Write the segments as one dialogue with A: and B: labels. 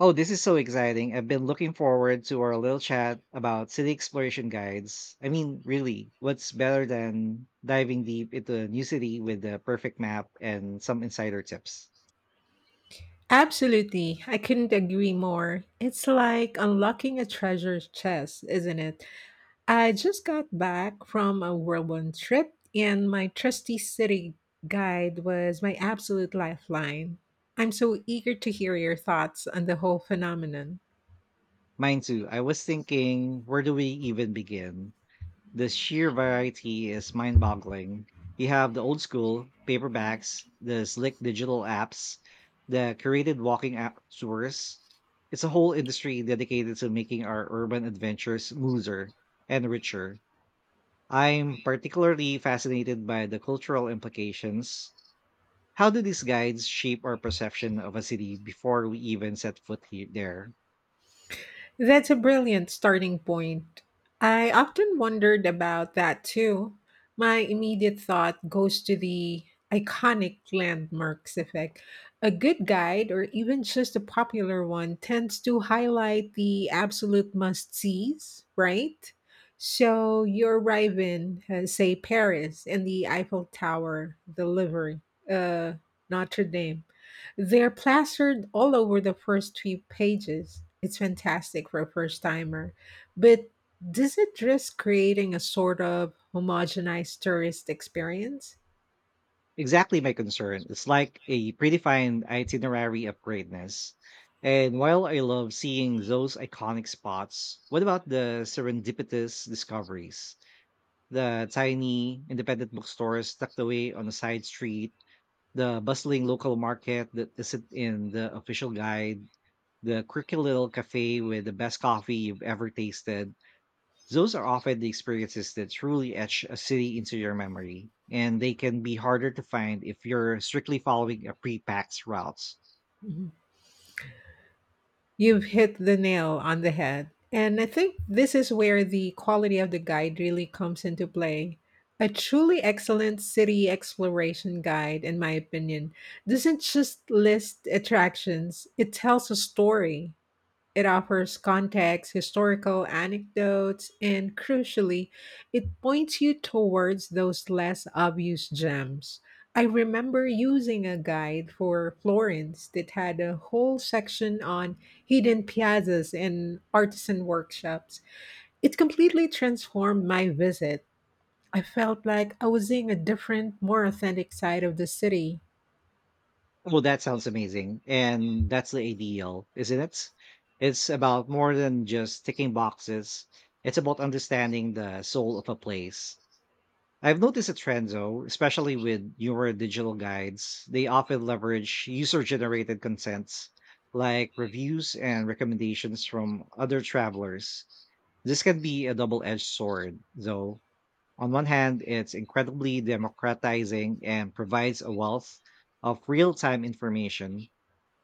A: Oh, this is so exciting. I've been looking forward to our little chat about city exploration guides. Really, what's better than diving deep into a new city with the perfect map and some insider tips?
B: Absolutely. I couldn't agree more. It's like unlocking a treasure chest, isn't it? I just got back from a whirlwind trip, and my trusty city guide was my absolute lifeline. I'm so eager to hear your thoughts on the whole phenomenon.
A: Mine too. I was thinking, where do we even begin? The sheer variety is mind-boggling. You have the old school paperbacks, the slick digital apps, the curated walking app tours. It's a whole industry dedicated to making our urban adventures smoother and richer. I'm particularly fascinated by the cultural implications. How do these guides shape our perception of a city before we even set there?
B: That's a brilliant starting point. I often wondered about that too. My immediate thought goes to the iconic landmarks effect. A good guide, or even just a popular one, tends to highlight the absolute must sees, right? So you arrive in, say, Paris and the Eiffel Tower, the Louvre, uh, Notre Dame they're plastered all over the first few pages. It's fantastic for a first timer. But does it risk creating a sort of homogenized tourist experience?
A: Exactly my concern. It's like a predefined itinerary of greatness. And while I love seeing those iconic spots, what about the serendipitous discoveries? The tiny independent bookstores tucked away on a side street, the bustling local market that isn't in the official guide, the quirky little cafe with the best coffee you've ever tasted. Those are often the experiences that truly etch a city into your memory, and they can be harder to find if you're strictly following a pre-packed routes.
B: Mhm. You've hit the nail on the head. And I think this is where the quality of the guide really comes into play. A truly excellent city exploration guide, in my opinion, doesn't just list attractions, it tells a story. It offers context, historical anecdotes, and crucially, it points you towards those less obvious gems. I remember using a guide for Florence that had a whole section on hidden piazzas and artisan workshops. It completely transformed my visit. I felt like I was seeing a different, more authentic side of the city.
A: Well, that sounds amazing, and that's the ideal, isn't it? It's about more than just ticking boxes. It's about understanding the soul of a place. I've noticed a trend though, especially with newer digital guides. They often leverage user-generated contents like reviews and recommendations from other travelers. This can be a double edged sword, though. On one hand, it's incredibly democratizing and provides a wealth of real time information.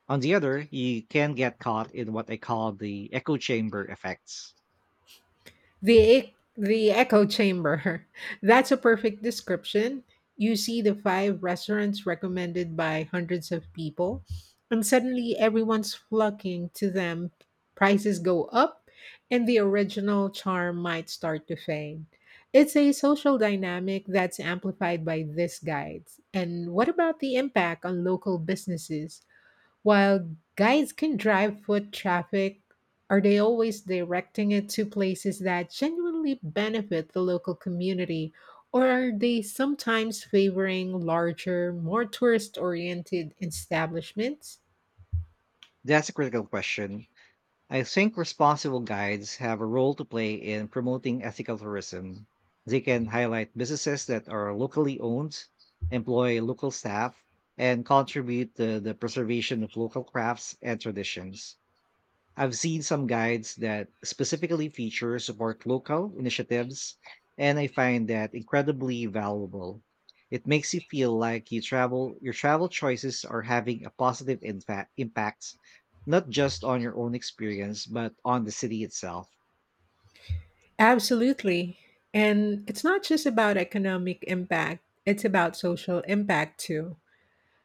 A: On the other, you can get caught in what I call the echo chamber effects.
B: The echo chamber. That's a perfect description. You see the five restaurants recommended by hundreds of people, and suddenly everyone's flocking to them. Prices go up, and the original charm might start to fade. It's a social dynamic that's amplified by these guides. And what about the impact on local businesses? While guides can drive foot traffic, are they always directing it to places that genuinely benefit the local community? Or are they sometimes favoring larger, more tourist oriented establishments?
A: That's a critical question. I think responsible guides have a role to play in promoting ethical tourism. They can highlight businesses that are locally owned, employ local staff, and contribute to the preservation of local crafts and traditions. I've seen some guides that specifically feature support local initiatives, and I find that incredibly valuable. It makes you feel like you travel your travel choices are having a positive impact, not just on your own experience, but on the city itself.
B: Absolutely. And it's not just about economic impact, it's about social impact too.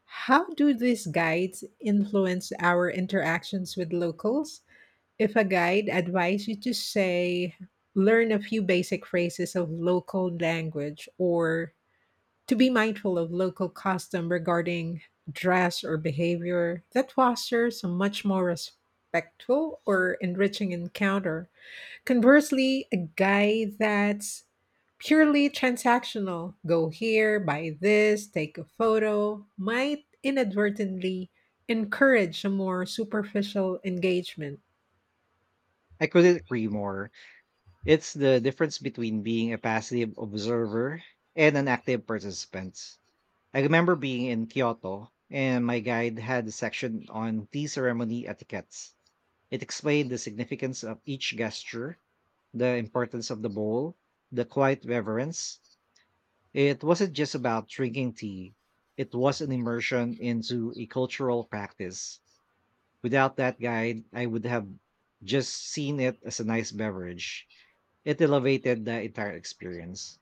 B: How do these guides influence our interactions with locals? If a guide advised you to say, learn a few basic phrases of local language or to be mindful of local custom regarding dress or behavior, that fosters a much more respectful or enriching encounter. Conversely, a guide that's purely transactional, go here, buy this, take a photo, might inadvertently encourage a more superficial engagement.
A: I couldn't agree more. It's the difference between being a passive observer and an active participant. I remember being in Kyoto and my guide had a section on tea ceremony etiquettes. It explained the significance of each gesture, the importance of the bowl, the quiet reverence. It wasn't just about drinking tea, it was an immersion into a cultural practice. Without that guide, I would have just seen it as a nice beverage. It elevated the entire experience.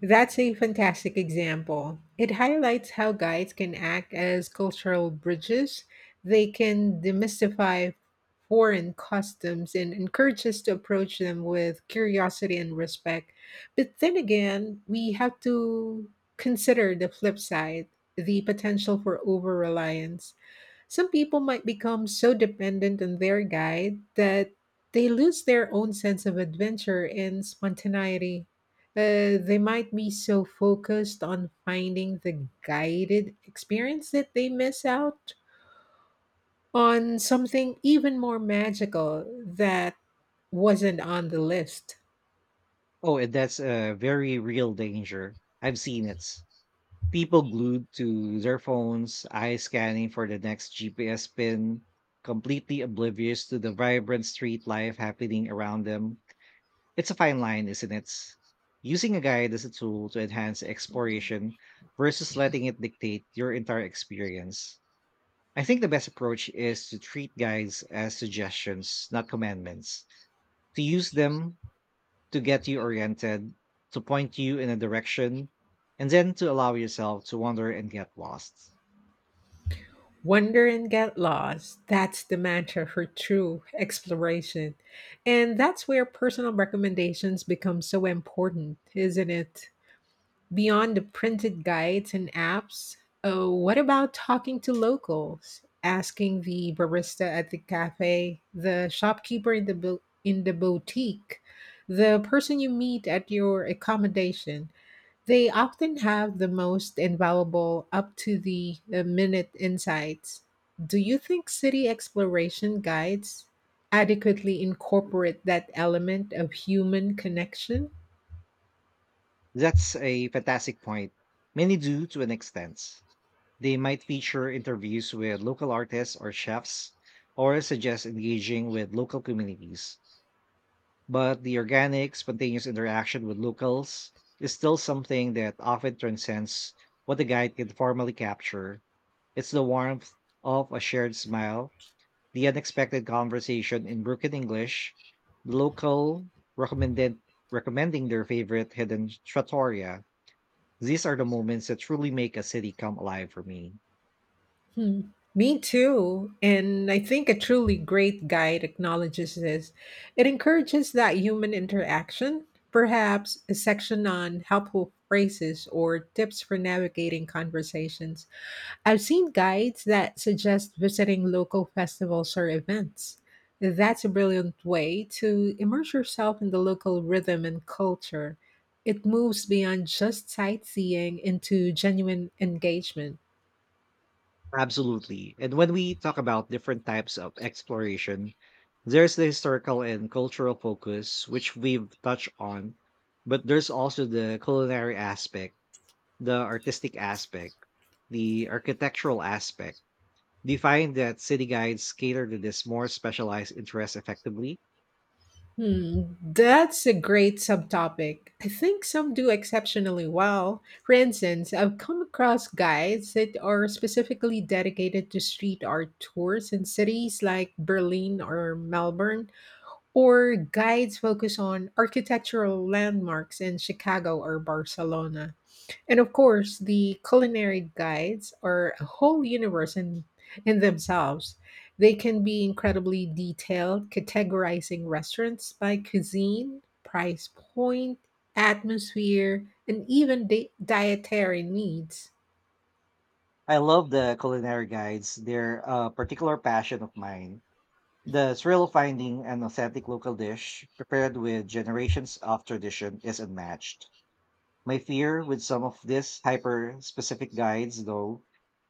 B: That's a fantastic example. It highlights how guides can act as cultural bridges. They can demystify foreign customs and encourage us to approach them with curiosity and respect. But then again, we have to consider the flip side, the potential for over reliance. Some people might become so dependent on their guide that they lose their own sense of adventure and spontaneity. They might be so focused on finding the guided experience that they miss out on something even more magical that wasn't on the list.
A: Oh, and that's a very real danger. I've seen it. People glued to their phones, eyes scanning for the next GPS pin, completely oblivious to the vibrant street life happening around them. It's a fine line, isn't it? Using a guide as a tool to enhance exploration versus letting it dictate your entire experience. I think the best approach is to treat guides as suggestions, not commandments, to use them to get you oriented, to point you in a direction, and then to allow yourself to wander and get lost.
B: Wander and get lost. That's the mantra for true exploration. And that's where personal recommendations become so important, isn't it? Beyond the printed guides and apps, what about talking to locals? Asking the barista at the cafe, the shopkeeper in the boutique, the person you meet at your accommodation. They often have the most invaluable up to the minute insights. Do you think city exploration guides adequately incorporate that element of human connection?
A: That's a fantastic point. Many do to an extent. They might feature interviews with local artists or chefs, or suggest engaging with local communities. But the organic, spontaneous interaction with locals is still something that often transcends what a guide can formally capture. It's the warmth of a shared smile, the unexpected conversation in broken English, the local recommended recommending their favorite hidden trattoria. These are the moments that truly make a city come alive for me.
B: Hmm. Me too. And I think a truly great guide acknowledges this. It encourages that human interaction, perhaps a section on helpful phrases or tips for navigating conversations. I've seen guides that suggest visiting local festivals or events. That's a brilliant way to immerse yourself in the local rhythm and culture. It moves beyond just sightseeing into genuine engagement.
A: Absolutely. And when we talk about different types of exploration, there's the historical and cultural focus, which we've touched on, but there's also the culinary aspect, the artistic aspect, the architectural aspect. Do you find that city guides cater to this more specialized interest effectively?
B: Hmm, that's a great subtopic. I think some do exceptionally well. For instance, I've come across guides that are specifically dedicated to street art tours in cities like Berlin or Melbourne, or guides focus on architectural landmarks in Chicago or Barcelona. And of course, the culinary guides are a whole universe in themselves. They can be incredibly detailed, categorizing restaurants by cuisine, price point, atmosphere, and even dietary needs.
A: I love the culinary guides. They're a particular passion of mine. The thrill of finding an authentic local dish prepared with generations of tradition is unmatched. My fear with some of these hyper specific guides, though,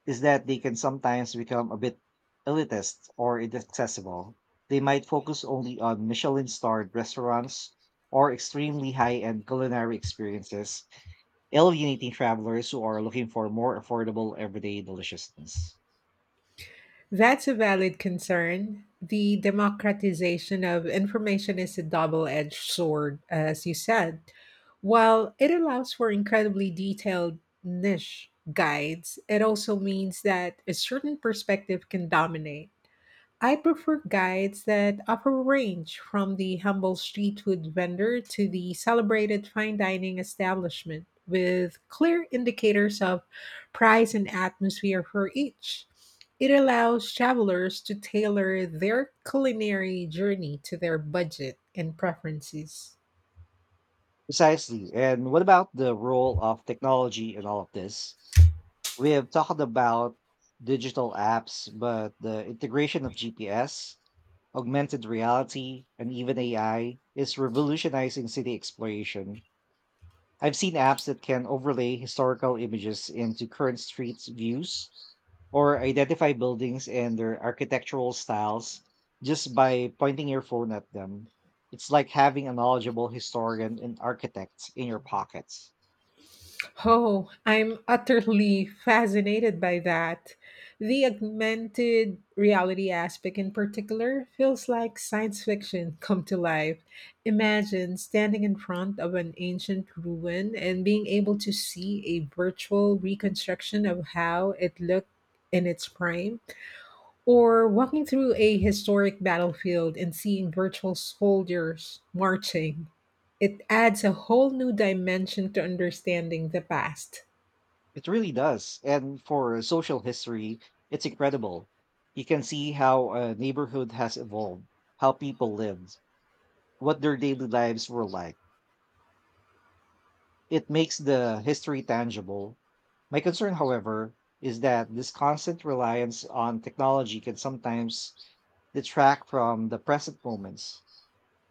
A: is that they can sometimes become a bit elitist or inaccessible. They might focus only on Michelin starred restaurants or extremely high end culinary experiences, alienating travelers who are looking for more affordable everyday deliciousness.
B: That's a valid concern. The democratization of information is a double edged sword, as you said. While it allows for incredibly detailed niche guides, it also means that a certain perspective can dominate. I prefer guides that offer a range from the humble street food vendor to the celebrated fine dining establishment with clear indicators of price and atmosphere for each. It allows travelers to tailor their culinary journey to their budget and preferences.
A: Precisely. And what about the role of technology in all of this? We have talked about digital apps, but the integration of GPS, augmented reality, and even AI is revolutionizing city exploration. I've seen apps that can overlay historical images into current streets views or identify buildings and their architectural styles just by pointing your phone at them. It's like having a knowledgeable historian and architect in your pockets.
B: Oh, I'm utterly fascinated by that. The augmented reality aspect, in particular, feels like science fiction come to life. Imagine standing in front of an ancient ruin and being able to see a virtual reconstruction of how it looked in its prime. Or walking through a historic battlefield and seeing virtual soldiers marching. It adds a whole new dimension to understanding the past.
A: It really does. And for social history, it's incredible. You can see how a neighborhood has evolved, how people lived, what their daily lives were like. It makes the history tangible. My concern, however, is that this constant reliance on technology can sometimes detract from the present moments.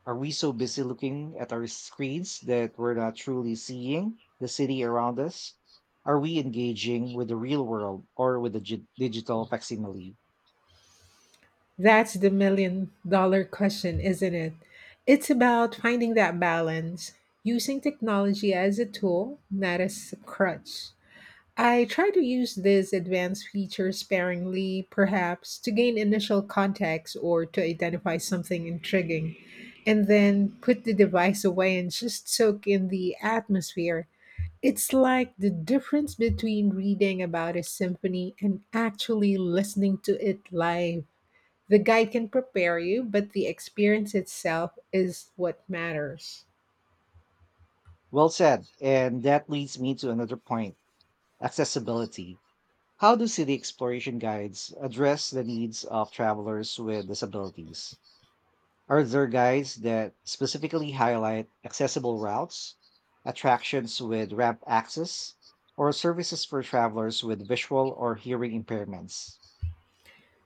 A: Are we so busy looking at our screens that we're not truly seeing the city around us? Are we engaging with the real world or with the digital facsimile?
B: That's the million dollar question, isn't it? It's about finding that balance, using technology as a tool, not as a crutch. I try to use this advanced feature sparingly, perhaps, to gain initial context or to identify something intriguing, and then put the device away and just soak in the atmosphere. It's like the difference between reading about a symphony and actually listening to it live. The guide can prepare you, but the experience itself is what matters.
A: Well said. And that leads me to another point, accessibility. How do city exploration guides address the needs of travelers with disabilities? Are there guides that specifically highlight accessible routes, attractions with ramp access, or services for travelers with visual or hearing impairments?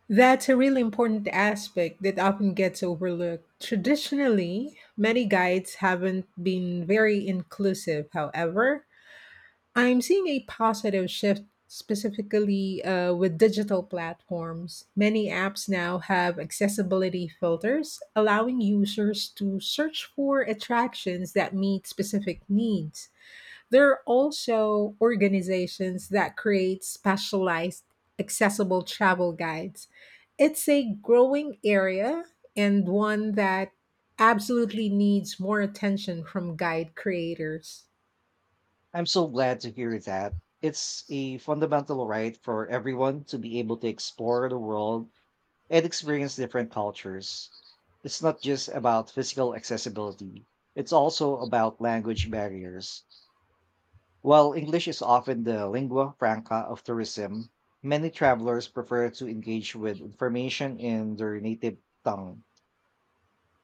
B: That's a really important aspect that often gets overlooked. Traditionally, many guides haven't been very inclusive, however. I'm seeing a positive shift specifically with digital platforms. Many apps now have accessibility filters, allowing users to search for attractions that meet specific needs. There are also organizations that create specialized accessible travel guides. It's a growing area and one that absolutely needs more attention from guide creators.
A: I'm so glad to hear that. It's a fundamental right for everyone to be able to explore the world and experience different cultures. It's not just about physical accessibility, it's also about language barriers. While English is often the lingua franca of tourism, many travelers prefer to engage with information in their native tongue.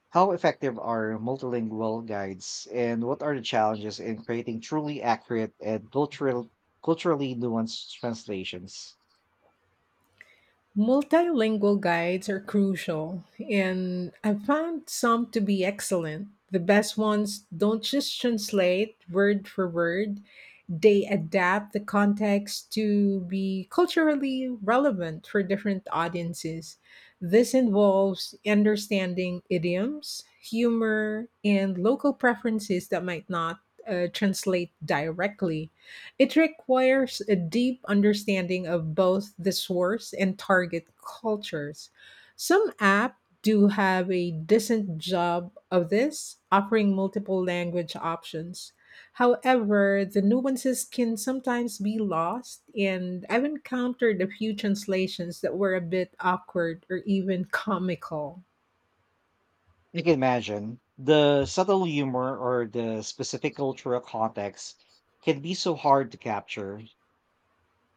A: How effective are multilingual guides, and what are the challenges in creating truly accurate and culturally nuanced translations?
B: Multilingual guides are crucial, and I found some to be excellent. The best ones don't just translate word for word, they adapt the context to be culturally relevant for different audiences. This involves understanding idioms, humor, and local preferences that might not translate directly. It requires a deep understanding of both the source and target cultures. Some apps do have a decent job of this, offering multiple language options. However, the nuances can sometimes be lost, and I've encountered a few translations that were a bit awkward or even comical.
A: You can imagine the subtle humor or the specific cultural context can be so hard to capture.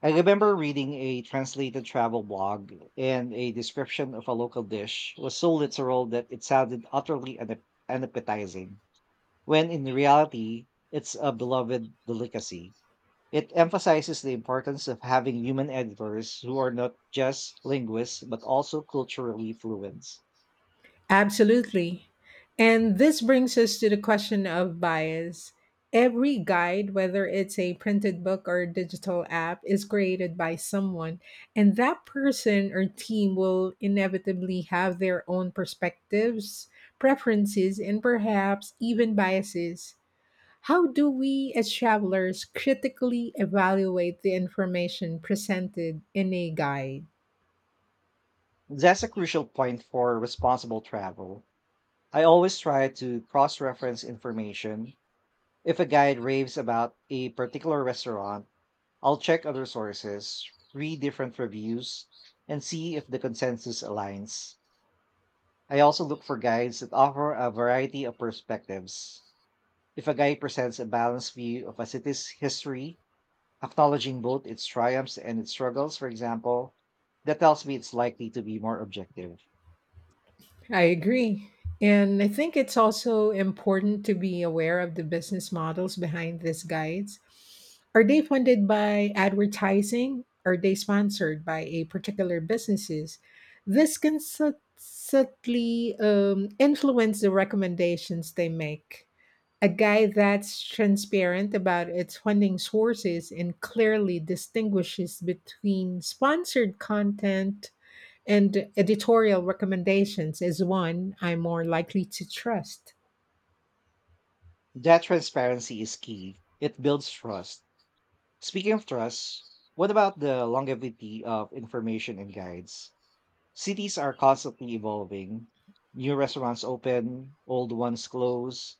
A: I remember reading a translated travel blog, and a description of a local dish was so literal that it sounded utterly unappetizing, when in reality, it's a beloved delicacy. It emphasizes the importance of having human editors who are not just linguists but also culturally fluent.
B: Absolutely. And this brings us to the question of bias. Every guide, whether it's a printed book or a digital app, is created by someone, and that person or team will inevitably have their own perspectives, preferences, and perhaps even biases. How do we as travelers critically evaluate the information presented in a guide?
A: That's a crucial point for responsible travel. I always try to cross reference information. If a guide raves about a particular restaurant, I'll check other sources, read different reviews, and see if the consensus aligns. I also look for guides that offer a variety of perspectives. If a guide presents a balanced view of a city's history, acknowledging both its triumphs and its struggles, for example, that tells me it's likely to be more objective.
B: I agree. And I think it's also important to be aware of the business models behind these guides. Are they funded by advertising? Are they sponsored by a particular businesses? This can subtly influence the recommendations they make. A guide that's transparent about its funding sources and clearly distinguishes between sponsored content and editorial recommendations is one I'm more likely to trust.
A: That transparency is key. It builds trust. Speaking of trust, what about the longevity of information and guides? Cities are constantly evolving. New restaurants open, old ones close,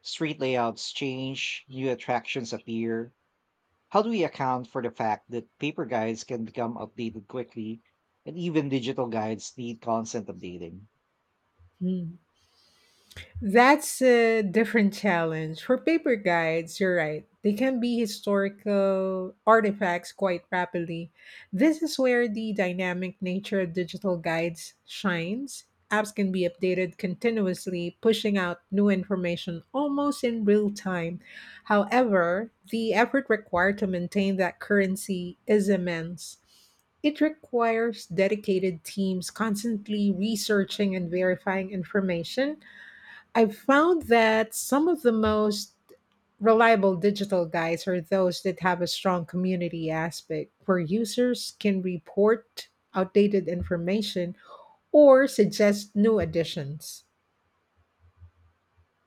A: street layouts change, new attractions appear. How do we account for the fact that paper guides can become updated quickly and even digital guides need constant updating?
B: Hmm. That's a different challenge. For paper guides, you're right. They can be historical artifacts quite rapidly. This is where the dynamic nature of digital guides shines. Apps can be updated continuously, pushing out new information almost in real time. However, the effort required to maintain that currency is immense. It requires dedicated teams constantly researching and verifying information. I've found that some of the most reliable digital guides are those that have a strong community aspect where users can report outdated information or suggest new additions.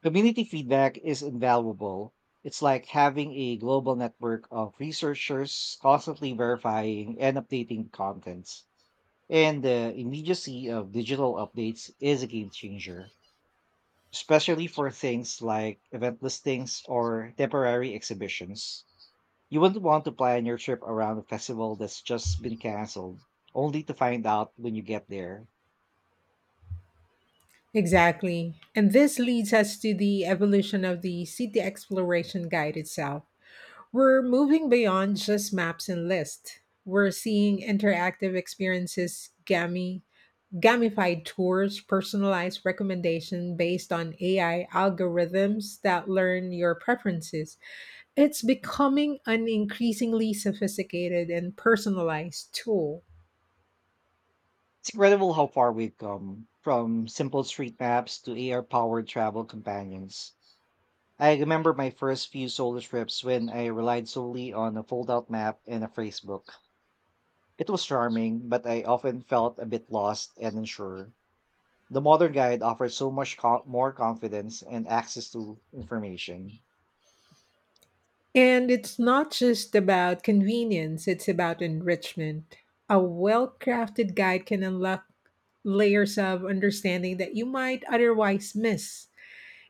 A: Community feedback is invaluable. It's like having a global network of researchers constantly verifying and updating contents. And the immediacy of digital updates is a game changer, especially for things like event listings or temporary exhibitions. You wouldn't want to plan your trip around a festival that's just been canceled, only to find out when you get there.
B: Exactly. And this leads us to the evolution of the city exploration guide itself. We're moving beyond just maps and lists. We're seeing interactive experiences, gammy gamified tours personalized recommendations based on AI algorithms that learn your preferences. It's becoming an increasingly sophisticated and personalized tool.
A: It's incredible how far we've come from simple street maps to AR powered travel companions. I remember my first few solo trips when I relied solely on a fold out map and a phrasebook. It was charming, but I often felt a bit lost and unsure. The modern guide offers so much more confidence and access to information.
B: And it's not just about convenience, it's about enrichment. A well crafted guide can unlock layers of understanding that you might otherwise miss.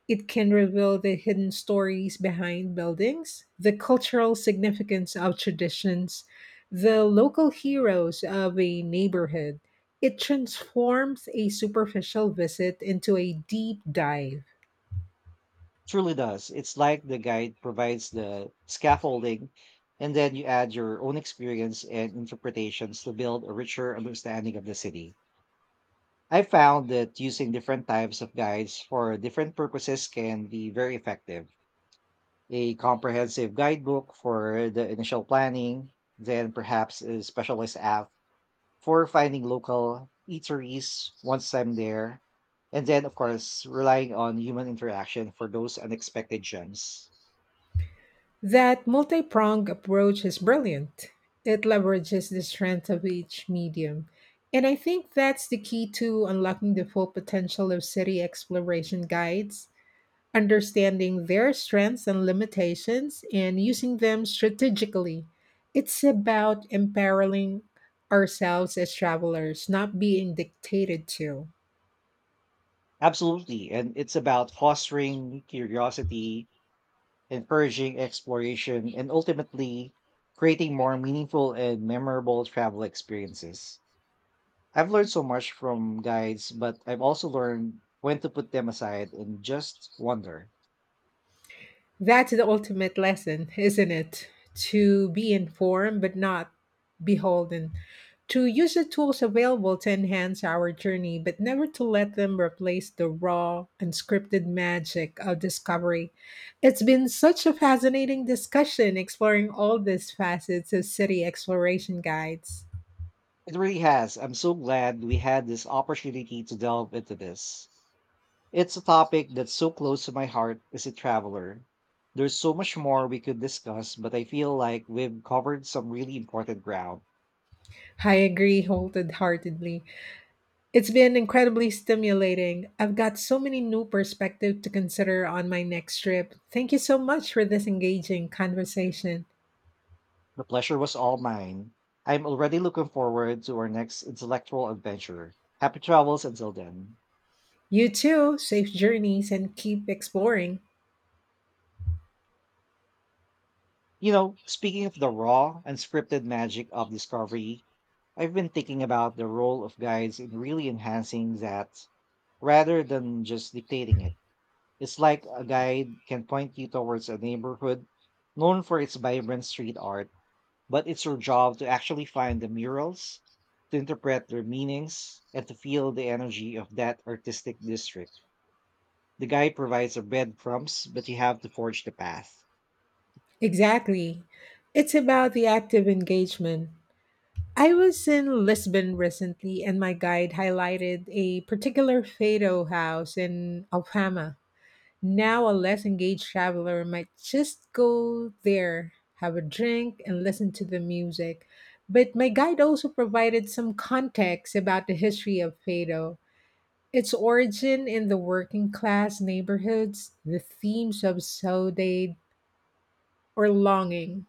B: It can reveal the hidden stories behind buildings, the cultural significance of traditions, the local heroes of a neighborhood. It transforms a superficial visit into a deep dive.
A: Truly does. It's like the guide provides the scaffolding, and then you add your own experience and interpretations to build a richer understanding of the city. I found that using different types of guides for different purposes can be very effective. A comprehensive guidebook for the initial planning, then perhaps a specialized app for finding local eateries once I'm there. And then, of course, relying on human interaction for those unexpected gems.
B: That multi pronged approach is brilliant. It leverages the strength of each medium. And I think that's the key to unlocking the full potential of city exploration guides understanding their strengths and limitations and using them strategically. It's about empowering ourselves as travelers, not being dictated to.
A: Absolutely. And it's about fostering curiosity, encouraging exploration, and ultimately creating more meaningful and memorable travel experiences. I've learned so much from guides, but I've also learned when to put them aside and just wander.
B: That's the ultimate lesson, isn't it? To be informed but not beholden. To use the tools available to enhance our journey, but never to let them replace the raw, unscripted magic of discovery. It's been such a fascinating discussion exploring all these facets of city exploration guides.
A: It really has. I'm so glad we had this opportunity to delve into this. It's a topic that's so close to my heart as a traveler. There's so much more we could discuss, but I feel like we've covered some really important ground.
B: I agree wholeheartedly. It's been incredibly stimulating. I've got so many new perspectives to consider on my next trip. Thank you so much for this engaging conversation.
A: The pleasure was all mine. I'm already looking forward to our next intellectual adventure. Happy travels until then.
B: You too, safe journeys and keep exploring.
A: You know, speaking of the raw, unscripted magic of discovery, I've been thinking about the role of guides in really enhancing that rather than just dictating it. It's like a guide can point you towards a neighborhood known for its vibrant street art, but it's your job to actually find the murals, to interpret their meanings, and to feel the energy of that artistic district. The guide provides a breadcrumbs, but you have to forge the path.
B: Exactly. It's about the active engagement. I was in Lisbon recently and my guide highlighted a particular fado house in Alfama. Now, a less engaged traveler might just go there, have a drink, and listen to the music. But my guide also provided some context about the history of Fado, its origin in the working class neighborhoods, the themes of saudade or longing.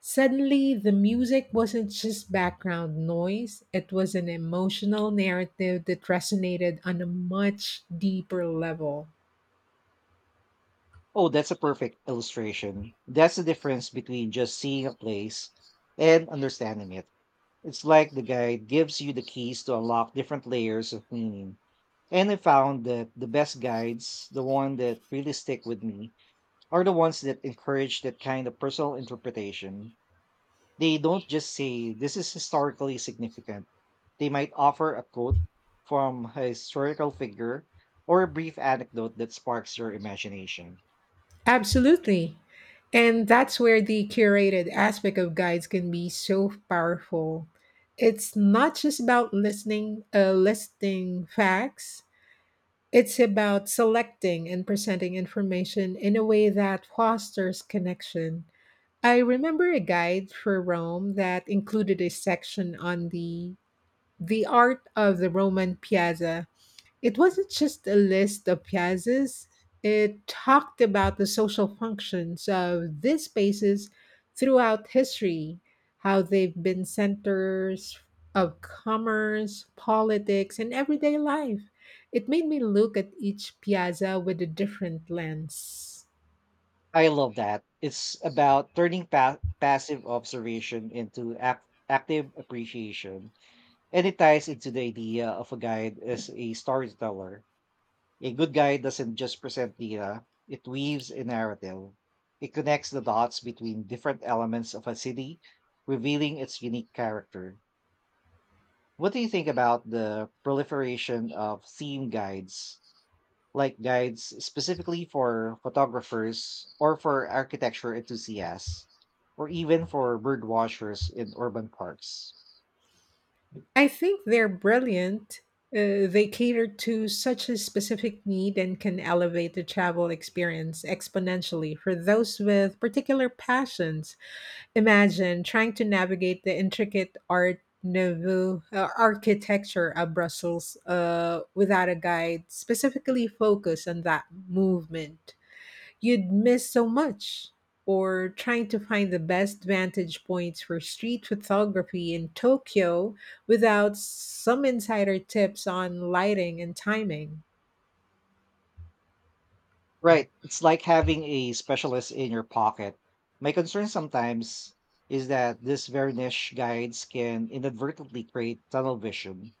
B: Suddenly, the music wasn't just background noise, it was an emotional narrative that resonated on a much deeper level.
A: Oh, that's a perfect illustration. That's the difference between just seeing a place and understanding it. It's like the guide gives you the keys to unlock different layers of meaning. And I found that the best guides, the one that really stick with me, are the ones that encourage that kind of personal interpretation. They don't just say this is historically significant. They might offer a quote from a historical figure or a brief anecdote that sparks your imagination.
B: Absolutely. And that's where the curated aspect of guides can be so powerful. It's not just about listening, listing facts. It's about selecting and presenting information in a way that fosters connection. I remember a guide for Rome that included a section on the art of the Roman piazza. It wasn't just a list of piazzas, it talked about the social functions of these spaces throughout history, how they've been centers of commerce, politics, and everyday life. It made me look at each piazza with a different lens.
A: I love that. It's about turning passive observation into active appreciation, and it ties into the idea of a guide as a storyteller. A good guide doesn't just present data, it weaves a narrative. It connects the dots between different elements of a city, revealing its unique character. What do you think about the proliferation of theme guides, like guides specifically for photographers or for architecture enthusiasts, or even for bird watchers in urban parks?
B: I think they're brilliant. They cater to such a specific need and can elevate the travel experience exponentially for those with particular passions. Imagine trying to navigate the intricate Art Nouveau architecture of Brussels without a guide specifically focused on that movement. You'd miss so much. Or trying to find the best vantage points for street photography in Tokyo without some insider tips on lighting and timing.
A: Right. It's like having a specialist in your pocket. My concern sometimes is that these very niche guides can inadvertently create tunnel vision.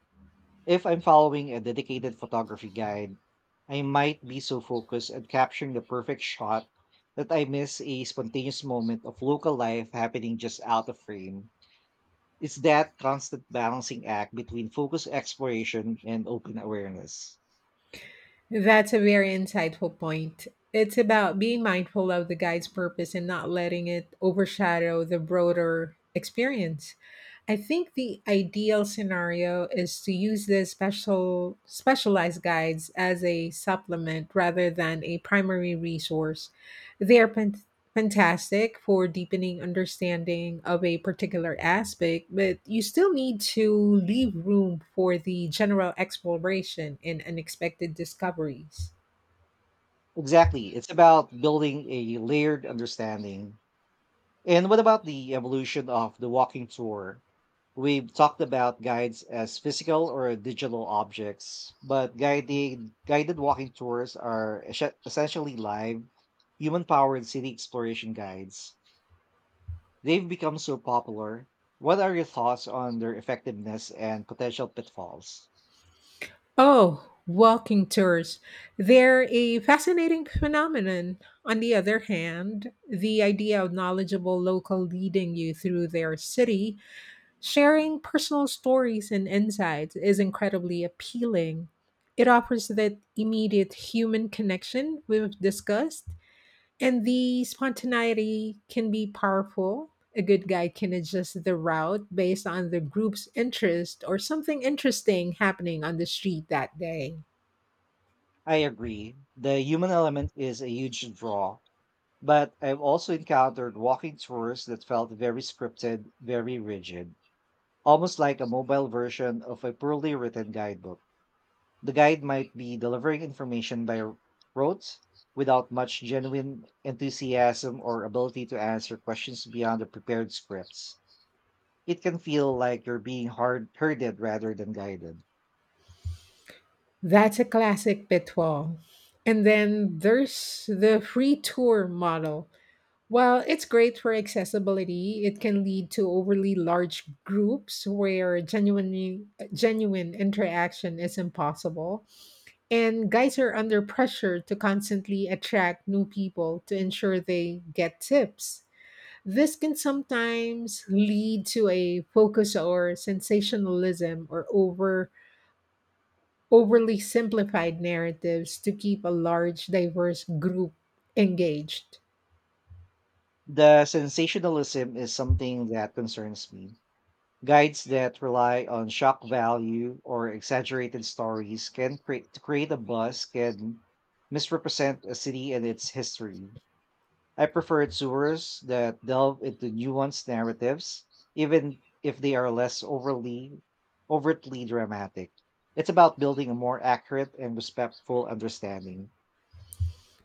A: If I'm following a dedicated photography guide, I might be so focused on capturing the perfect shot that I miss a spontaneous moment of local life happening just out of frame. It's that constant balancing act between focused exploration and open awareness.
B: That's a very insightful point. It's about being mindful of the guide's purpose and not letting it overshadow the broader experience. I think the ideal scenario is to use the specialized guides as a supplement rather than a primary resource. They are fantastic for deepening understanding of a particular aspect, but you still need to leave room for the general exploration and unexpected discoveries.
A: Exactly. It's about building a layered understanding. And what about the evolution of the walking tour? We've talked about guides as physical or digital objects, but guided walking tours are essentially live, human-powered city exploration guides. They've become so popular. What are your thoughts on their effectiveness and potential pitfalls?
B: Oh, walking tours. They're a fascinating phenomenon. On the other hand, the idea of knowledgeable local leading you through their city sharing personal stories and insights is incredibly appealing. It offers that immediate human connection we've discussed, and the spontaneity can be powerful. A good guide can adjust the route based on the group's interest or something interesting happening on the street that day.
A: I agree. The human element is a huge draw, but I've also encountered walking tours that felt very scripted, very rigid, almost like a mobile version of a poorly written guidebook. The guide might be delivering information by rote without much genuine enthusiasm or ability to answer questions beyond the prepared scripts. It can feel like you're being hard herded rather than guided.
B: That's a classic pitfall. And then there's the free tour model. While it's great for accessibility, it can lead to overly large groups where genuine interaction is impossible. And guys are under pressure to constantly attract new people to ensure they get tips. This can sometimes lead to a focus or sensationalism or overly simplified narratives to keep a large diverse group engaged.
A: The sensationalism is something that concerns me. Guides that rely on shock value or exaggerated stories can create to create a buzz can misrepresent a city and its history. I prefer tours that delve into nuanced narratives, even if they are less overly overtly dramatic. It's about building a more accurate and respectful understanding.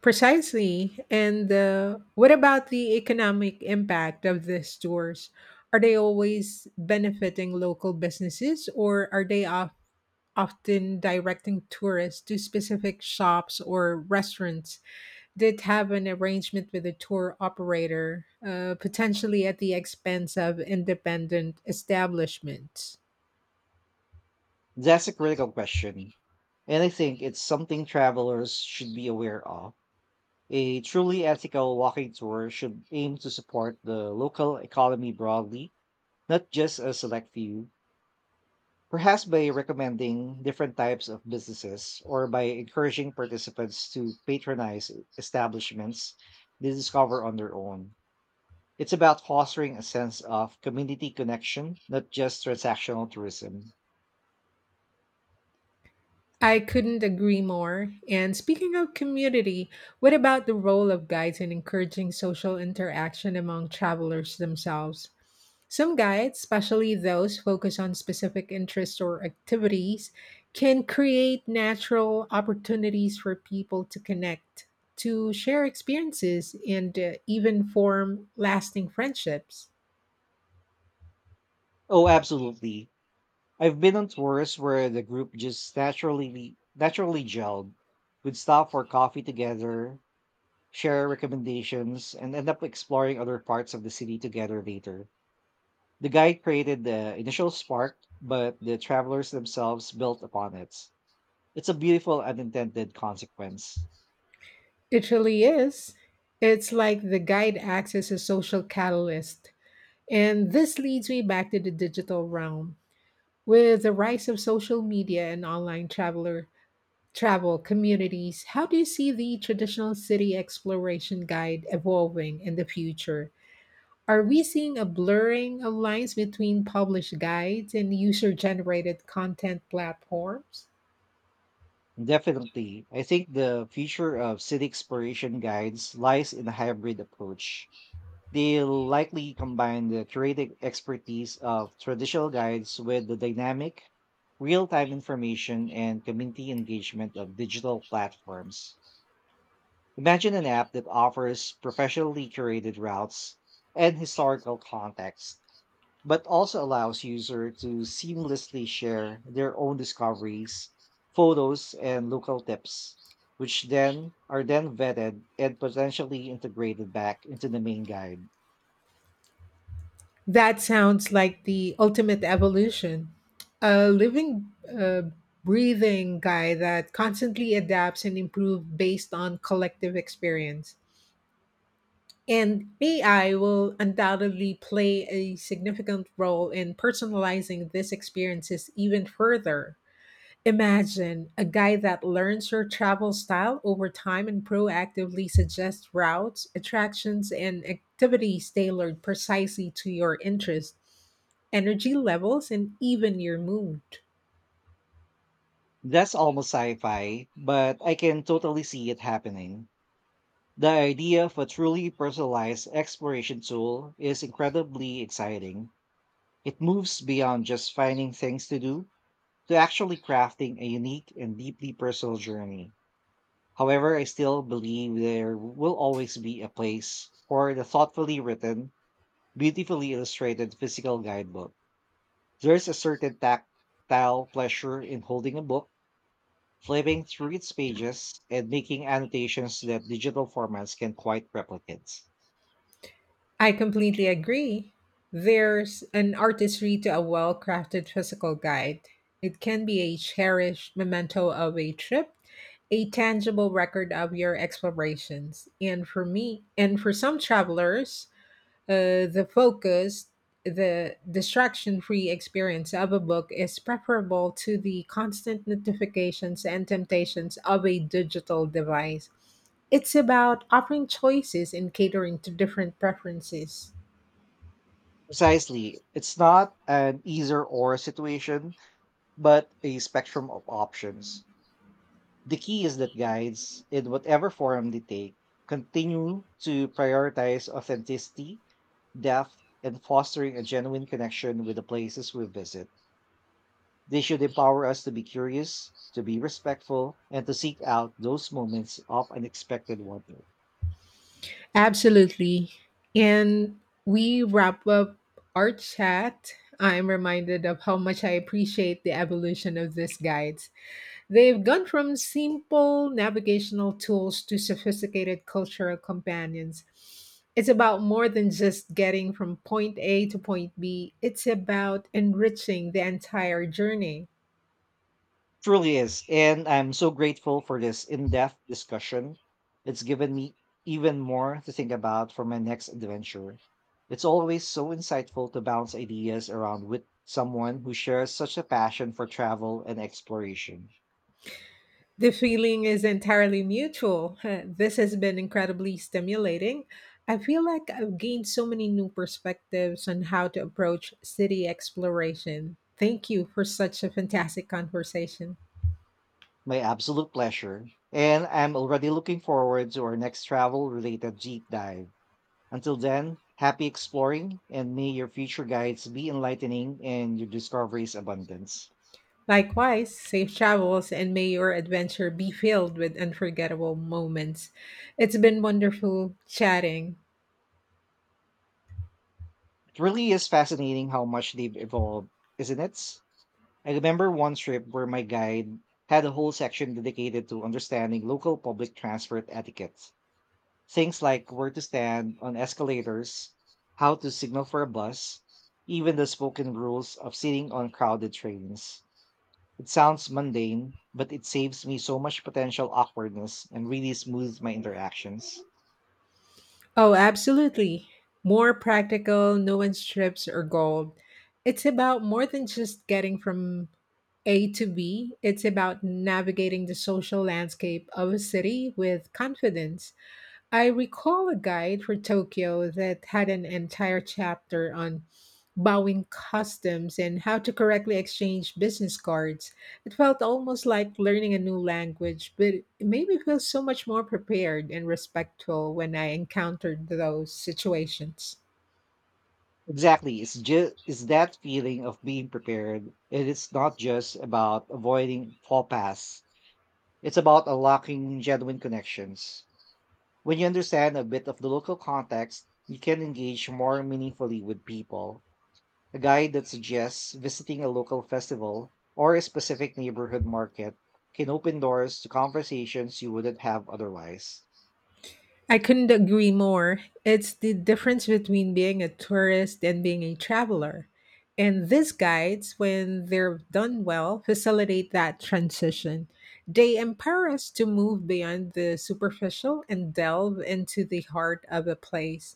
B: Precisely. And what about the economic impact of these stores? Are they always benefiting local businesses or are they often directing tourists to specific shops or restaurants that have an arrangement with a tour operator, potentially at the expense of independent establishments?
A: That's a critical question, and I think it's something travelers should be aware of. A truly ethical walking tour should aim to support the local economy broadly, not just a select few. Perhaps by recommending different types of businesses or by encouraging participants to patronize establishments they discover on their own. It's about fostering a sense of community connection, not just transactional tourism.
B: I couldn't agree more. And speaking of community, what about the role of guides in encouraging social interaction among travelers themselves? Some guides, especially those focused on specific interests or activities, can create natural opportunities for people to connect, to share experiences, and even form lasting friendships.
A: Oh, absolutely. I've been on tours where the group just naturally gelled. We'd stop for coffee together, share recommendations, and end up exploring other parts of the city together later. The guide created the initial spark, but the travelers themselves built upon it. It's a beautiful unintended consequence.
B: It really is. It's like the guide acts as a social catalyst. And this leads me back to the digital realm. With the rise of social media and online travel communities, how do you see the traditional city exploration guide evolving in the future? Are we seeing a blurring of lines between published guides and user generated content platforms?
A: Definitely, I think the future of city exploration guides lies in a hybrid approach. They'll likely combine the curated expertise of traditional guides with the dynamic, real time information and community engagement of digital platforms. Imagine an app that offers professionally curated routes and historical context, but also allows users to seamlessly share their own discoveries, photos, and local tips, which then are then vetted and potentially integrated back into the main guide.
B: That sounds like the ultimate evolution. A living, breathing guy that constantly adapts and improves based on collective experience. And AI will undoubtedly play a significant role in personalizing these experiences even further. Imagine a guy that learns your travel style over time and proactively suggests routes, attractions, and activities tailored precisely to your interests, energy levels, and even your mood.
A: That's almost sci-fi, but I can totally see it happening. The idea of a truly personalized exploration tool is incredibly exciting. It moves beyond just finding things to do to actually crafting a unique and deeply personal journey. However, I still believe there will always be a place for the thoughtfully written, beautifully illustrated physical guidebook. There's a certain tactile pleasure in holding a book, flipping through its pages, and making annotations that digital formats can quite replicate.
B: I completely agree. There's an artistry to a well crafted physical guide. It can be a cherished memento of a trip, a tangible record of your explorations. And for me, and for some travelers, the focused, the distraction free experience of a book is preferable to the constant notifications and temptations of a digital device. It's about offering choices and catering to different preferences.
A: Precisely, it's not an either or situation, but a spectrum of options. The key is that guides, in whatever form they take, continue to prioritize authenticity, depth, and fostering a genuine connection with the places we visit. They should empower us to be curious, to be respectful, and to seek out those moments of unexpected wonder.
B: Absolutely. And we wrap up our chat. I'm reminded of how much I appreciate the evolution of this guide. They've gone from simple navigational tools to sophisticated cultural companions. It's about more than just getting from point A to point B, it's about enriching the entire journey.
A: Truly is. And I'm so grateful for this in depth discussion. It's given me even more to think about for my next adventure. It's always so insightful to bounce ideas around with someone who shares such a passion for travel and exploration.
B: The feeling is entirely mutual. This has been incredibly stimulating. I feel like I've gained so many new perspectives on how to approach city exploration. Thank you for such a fantastic conversation.
A: My absolute pleasure. And I'm already looking forward to our next travel related deep dive. Until then, happy exploring and may your future guides be enlightening and your discoveries abundance.
B: Likewise, safe travels and may your adventure be filled with unforgettable moments. It's been wonderful chatting.
A: It really is fascinating how much they've evolved, isn't it? I remember one trip where my guide had a whole section dedicated to understanding local public transport etiquette. Things like where to stand on escalators, how to signal for a bus, even the spoken rules of sitting on crowded trains. It sounds mundane, but it saves me so much potential awkwardness and really smooths my interactions.
B: Oh, absolutely. More practical, no one's trips or gold. It's about more than just getting from A to B, it's about navigating the social landscape of a city with confidence. I recall a guide for Tokyo that had an entire chapter on bowing customs and how to correctly exchange business cards. It felt almost like learning a new language, but it made me feel so much more prepared and respectful when I encountered those situations.
A: Exactly. It's that feeling of being prepared. And it's not just about avoiding faux pas. It's about unlocking genuine connections. When you understand a bit of the local context, you can engage more meaningfully with people. A guide that suggests visiting a local festival or a specific neighborhood market can open doors to conversations you wouldn't have otherwise.
B: I couldn't agree more. It's the difference between being a tourist and being a traveler. And these guides, when they're done well, facilitate that transition. They empower us to move beyond the superficial and delve into the heart of a place.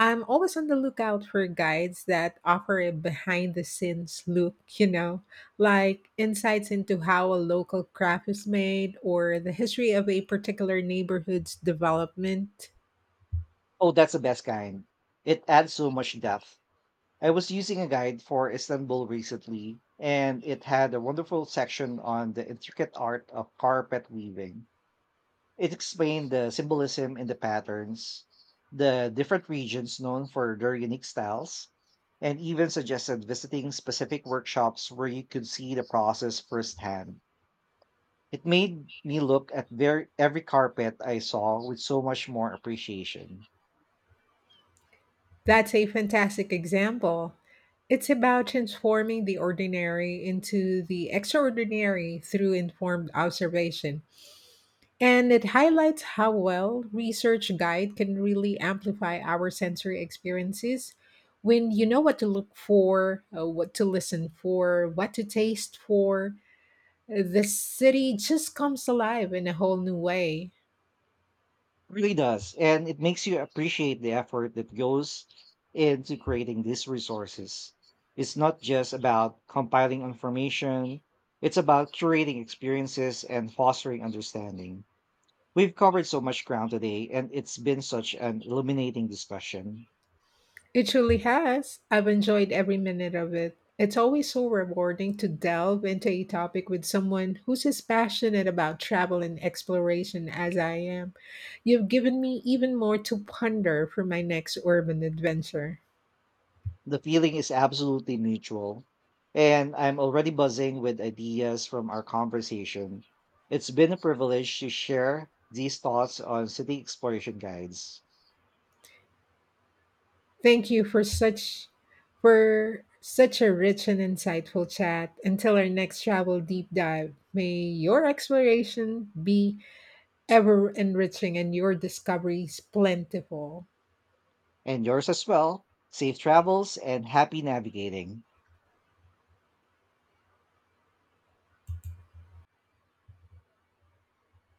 B: I'm always on the lookout for guides that offer a behind the scenes look, you know, like insights into how a local craft is made or the history of a particular neighborhood's development.
A: Oh, that's the best kind. It adds so much depth. I was using a guide for Istanbul recently, and it had a wonderful section on the intricate art of carpet weaving. It explained the symbolism in the patterns, the different regions known for their unique styles, and even suggested visiting specific workshops where you could see the process firsthand. It made me look at every carpet I saw with so much more appreciation.
B: That's a fantastic example. It's about transforming the ordinary into the extraordinary through informed observation. And it highlights how well research guide can really amplify our sensory experiences when you know what to look for, what to listen for, what to taste for. The city just comes alive in a whole new way.
A: Really does. And it makes you appreciate the effort that goes into creating these resources. It's not just about compiling information, it's about curating experiences and fostering understanding. We've covered so much ground today, and it's been such an illuminating discussion.
B: It truly has. I've enjoyed every minute of it. It's always so rewarding to delve into a topic with someone who's as passionate about travel and exploration as I am. You've given me even more to ponder for my next urban adventure.
A: The feeling is absolutely mutual, and I'm already buzzing with ideas from our conversation. It's been a privilege to share these thoughts on city exploration guides.
B: Thank you for such a rich and insightful chat. Until our next travel deep dive, may your exploration be ever enriching and your discoveries plentiful.
A: And yours as well. Safe travels and happy navigating.